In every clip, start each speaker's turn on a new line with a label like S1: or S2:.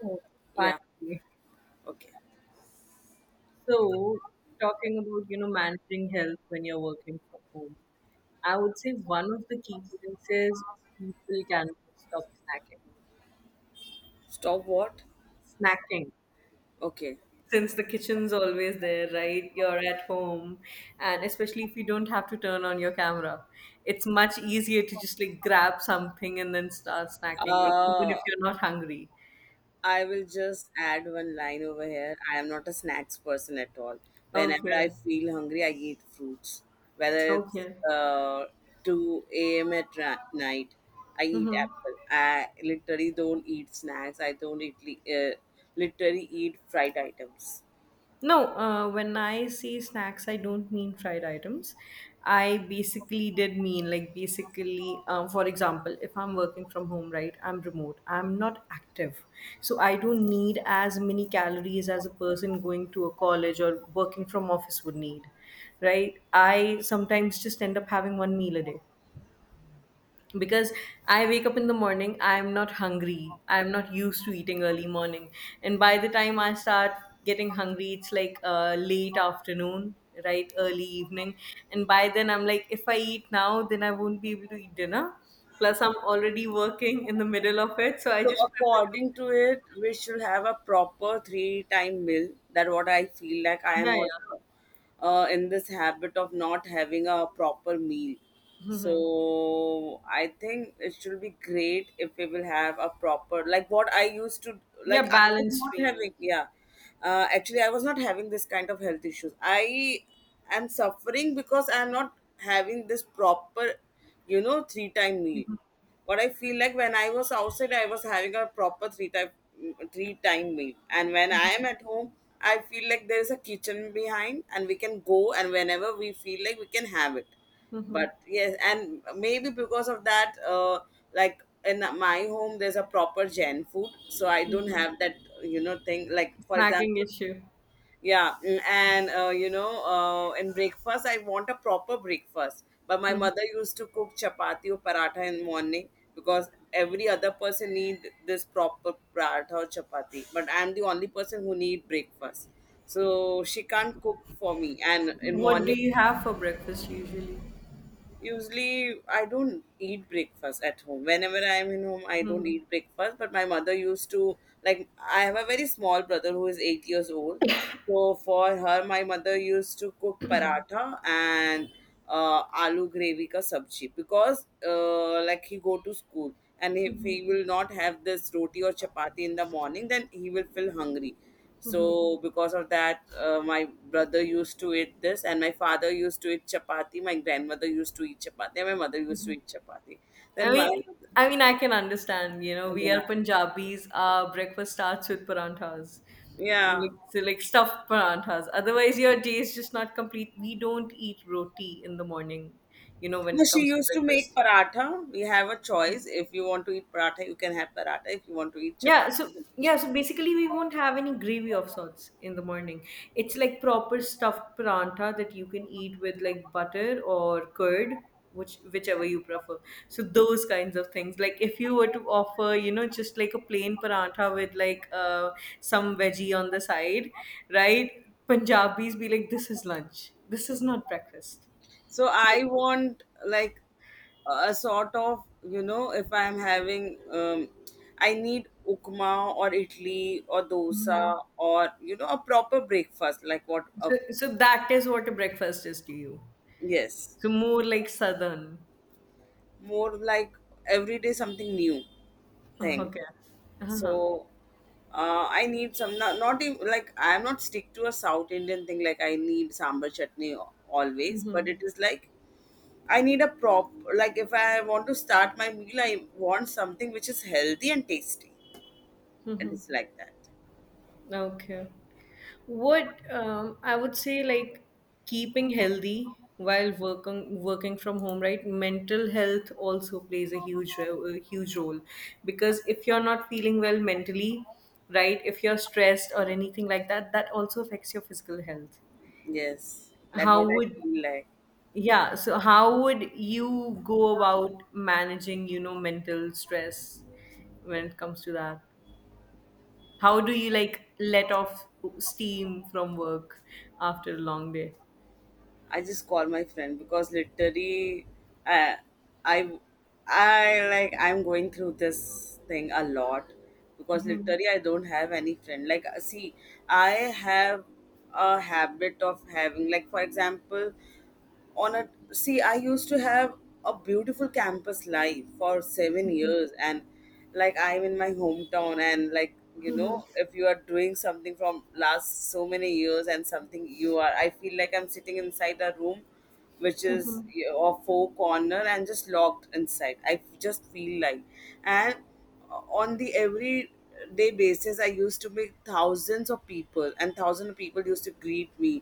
S1: Oh,
S2: Yeah.
S1: finally.
S2: Okay.
S1: So, talking about, you know, managing health when you're working from home, I would say one of the key points is people can stop snacking.
S2: Stop what?
S1: Snacking.
S2: Okay.
S1: Since the kitchen's always there, right? You're at home, and especially if you don't have to turn on your camera, it's much easier to just like grab something and then start snacking, like even if
S2: Uh,
S1: you're not hungry.
S2: I will just add one line over here. I am not a snacks person at all. Whenever I
S1: Okay.
S2: feel hungry, I eat fruits. Whether it's
S1: Okay.
S2: uh, 2 a.m. at night, I eat
S1: Mm-hmm.
S2: apple. I literally don't eat snacks. I don't eat, literally eat fried items.
S1: No, when I say snacks, I don't mean fried items. I basically did mean, like, basically, for example, if I'm working from home, right, I'm remote, I'm not active. So I don't need as many calories as a person going to a college or working from office would need, right? I sometimes just end up having one meal a day because I wake up in the morning, I'm not hungry. I'm not used to eating early morning. And by the time I start getting hungry, it's like late afternoon, right? Early evening. And by then, I'm like, if I eat now, then I won't be able to eat dinner. Plus, I'm already working in the middle of it. So I
S2: So
S1: just prefer
S2: according to it, we should have a proper three-time meal. That what I feel like.
S1: to,
S2: I
S1: yeah,
S2: am
S1: yeah.
S2: also in this habit of not having a proper meal.
S1: Hmm.
S2: So I think it should be great if we will have a proper like what I used to like.
S1: Yeah,
S2: I was
S1: balanced
S2: not
S1: meal.
S2: having yeah. Actually, I was not having this kind of health issues. I am suffering because I am not having this proper, three-time meal what I feel like when I was outside, I was having a proper three time meal, and when I am at home, I feel like there is a kitchen behind, and we can go and whenever we feel like we can have it.
S1: Mm-hmm.
S2: But yes, and maybe because of that, like in my home, there's a proper Jain food, so I don't
S1: Hmm.
S2: have that you know thing. Like for
S1: Snacking
S2: example.
S1: issue.
S2: Yeah, and in breakfast, I want a proper breakfast. But my
S1: Hmm.
S2: mother used to cook chapati or paratha in morning because every other person need this proper paratha or chapati. But I'm the only person who need breakfast, so she can't cook for me. And in
S1: What do
S2: morning
S1: you have for breakfast usually?
S2: usually I don't eat breakfast at home. Whenever I'm in home, I don't
S1: Mm-hmm.
S2: eat breakfast. But my mother used to like I have a very small brother who is 8 years old. So for her, my mother used to cook paratha and aloo gravy ka sabji because like he go to school and if he will not have this roti or chapati in the morning, then he will feel hungry. So because of that, my brother used to eat this, and my father used to eat chapati. My grandmother used to eat chapati. And my mother used to eat chapati.
S1: I
S2: Then my
S1: mean, I mean, I can understand. You know, we
S2: yeah,
S1: are Punjabis. Our breakfast starts with paranthas,
S2: yeah.
S1: like so like stuffed paranthas. Otherwise, your day is just not complete. We don't eat roti in the morning. You know, when
S2: No,
S1: it
S2: she
S1: comes to
S2: used to make
S1: breakfast.
S2: paratha. We have a choice. If you want to eat paratha, you can have paratha. If you want to eat
S1: Yeah,
S2: chapati,
S1: so
S2: you can eat
S1: yeah,
S2: chapati.
S1: so basically we won't have any gravy of sorts in the morning. It's like proper stuffed paranta that you can eat with like butter or curd, whichever you prefer. So those kinds of things. Like if you were to offer, you know, just like a plain paranta with like some veggie on the side, right? Punjabis be like, this is lunch. This is not breakfast.
S2: So
S1: So,
S2: I want like a sort of you know if I'm having I need ukma or idli or
S1: mhm.
S2: dosa or you know a proper breakfast like what a
S1: So, so that is what a breakfast is to you.
S2: yes
S1: So more like southern.
S2: more like every day something new
S1: Oh,
S2: thing.
S1: okay. Uh-huh.
S2: So I need some not, not even like I'm not stick to a South Indian thing like I need sambar chutney always, but
S1: Mm-hmm.
S2: it is like I need a prop. Like if I want to start my meal, I want something which is healthy and tasty. It
S1: Mm-hmm.
S2: is like that.
S1: Okay. What I would say, like keeping healthy while working from home, right? Mental health also plays a huge a huge role because if you're not feeling well mentally, right? If you're stressed or anything like that, that also affects your physical health.
S2: Yes, that
S1: How
S2: what I
S1: would
S2: feel like.
S1: yeah, so how would you go about managing, you know, mental stress when it comes to that? How do you like let off steam from work after a long day?
S2: I just call my friend because literally, I, I, I like I'm going through this thing a lot because literally I don't have any friend. Like see, I have a habit of having like for example, on a see I used to have a beautiful campus life for 7 years, and like I'm in my hometown, and like you know if you are doing something from last so many years and something you are I feel like I'm sitting inside a room which is a four corner and just locked inside I just feel like and on the everyday basis I used to meet thousands of people, and thousands of people used to greet me,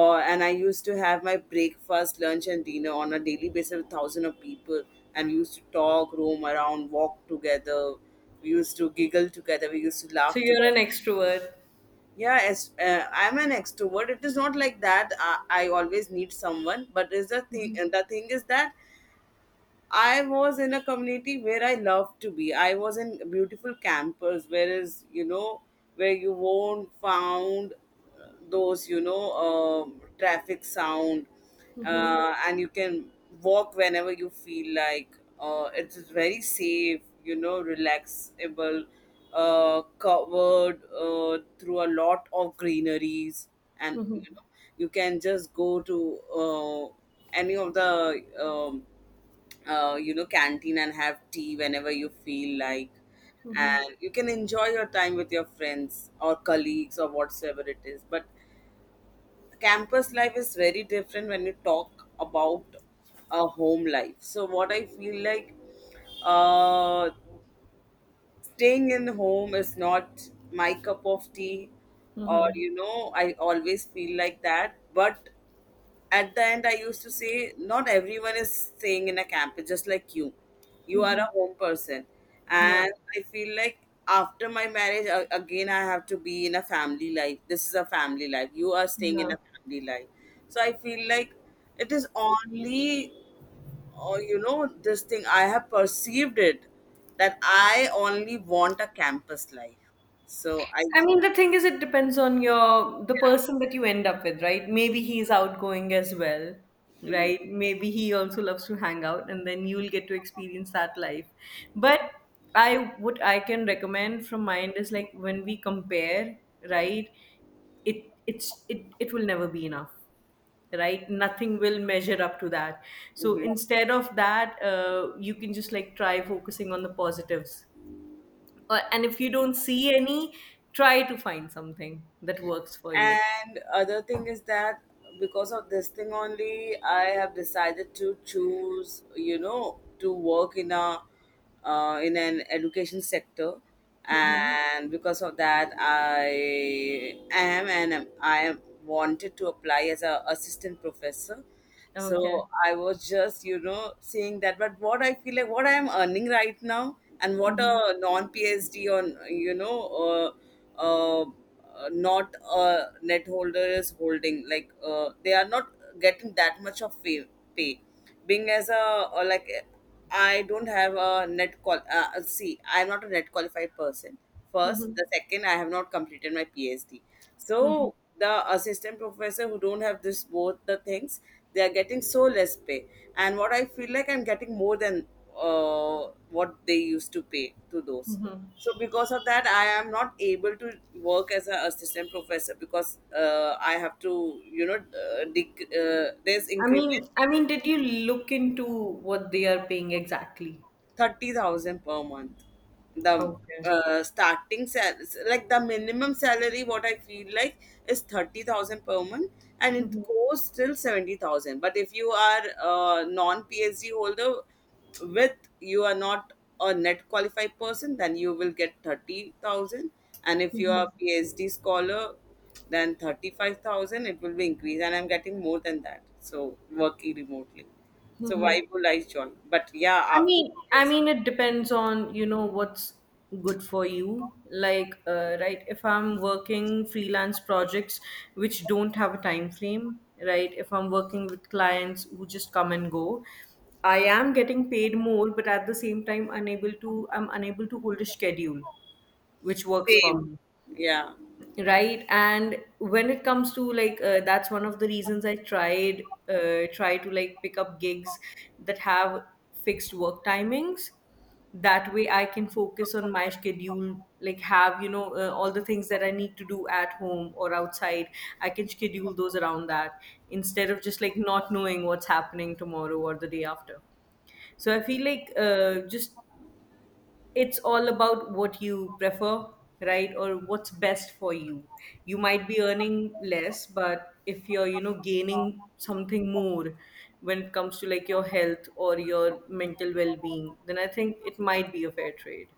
S2: or and I used to have my breakfast lunch and dinner on a daily basis with thousands of people, and we used to talk roam around walk together, we used to giggle together, we used to
S1: So
S2: laugh
S1: you're an
S2: together.
S1: extrovert.
S2: Yeah as I'm an extrovert. It is not like that I always need someone but is the thing, and the thing is that I was in a community where I loved to be. I was in beautiful campers, whereas you know, where you won't found those you know traffic sound, and you can walk whenever you feel like. It is very safe, you know, relaxable, covered through a lot of greeneries, and you know, you can just go to any of the you know canteen and have tea whenever you feel like, and you can enjoy your time with your friends or colleagues or whatsoever it is. But campus life is very different when you talk about a home life. So what I feel like, uh, staying in home is not my cup of tea, or
S1: Hmm.
S2: you know I always feel like that. But at the end I used to say not everyone is staying in a camp. It's just like you are a home person,
S1: Yeah.
S2: and I feel like after my marriage again I have to be in a family life. This is a family life. You are staying in
S1: Yeah.
S2: a family life. So I feel like it is only, or you know this thing I have perceived it, that I only want a campus life. So I
S1: I mean, the thing is, it depends on your the person that you end up with, right? Maybe he's outgoing as well, right? Maybe he also loves to hang out, and then you'll get to experience that life. But I what I can recommend from mine is like when we compare, right? It it's it it will never be enough. Right, nothing will measure up to that. So
S2: mm-hmm.
S1: instead of that you can just like try focusing on the positives, or, and if you don't see any, try to find something that works for you.
S2: And other thing is that because of this thing only I have decided to choose you know to work in a in an education sector.
S1: Hmm.
S2: And because of that I am and am- I am wanted to apply as a assistant professor. So
S1: Okay.
S2: I was just, you know, saying that. But what I feel like, what I am earning right now, and what
S1: Hmm.
S2: a non phd on, you know, uh, uh, not a net holder is holding. Like they are not getting that much of pay. Being as a or like I don't have a net qual. See, I'm not a net qualified person.
S1: Hmm.
S2: First, the second, I have not completed my PhD.
S1: Hmm.
S2: So the assistant professor who don't have this both the things, they are getting so less pay. And what I feel like I'm getting more than what they used to pay to those.
S1: Hmm.
S2: So because of that, I am not able to work as an assistant professor because I have to, you know, there's
S1: i
S2: increment
S1: mean i mean did you look into what they are paying exactly?
S2: 30,000 per month. The
S1: Okay.
S2: starting sal like the minimum salary, what I feel like is 30,000 per month, and it goes till 70,000. But if you are a non PhD holder with you are not a net qualified person, then you will get 30,000. And if you are a PhD scholar, then 35,000 it will be increased, and I'm getting more than that. So working remotely. So why would I join? But yeah,
S1: I
S2: after
S1: mean, I
S2: yes.
S1: mean, it depends on, you know, what's good for you. Like, right, if I'm working freelance projects which don't have a time frame, right? If I'm working with clients who just come and go, I am getting paid more, but at the same time, I'm unable to hold a schedule which works for
S2: Same.
S1: me,
S2: Yeah.
S1: right? And when it comes to like that's one of the reasons I tried try to like pick up gigs that have fixed work timings. That way I can focus on my schedule, like have, you know, all the things that I need to do at home or outside, I can schedule those around that instead of just like not knowing what's happening tomorrow or the day after. So I feel like just it's all about what you prefer, right? Or what's best for you. You might be earning less, but if you're, you know, gaining something more when it comes to like your health or your mental well-being, then I think it might be a fair trade.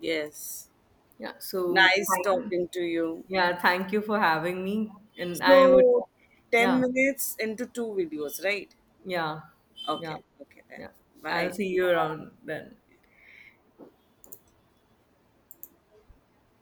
S2: Yes.
S1: Yeah, so
S2: Nice
S1: fine.
S2: talking to you.
S1: Yeah, thank you for having me, and I would
S2: So 10
S1: yeah
S2: minutes into two videos, right?
S1: yeah yeah
S2: Okay. Okay then.
S1: yeah I'll
S2: Bye.
S1: see you around then.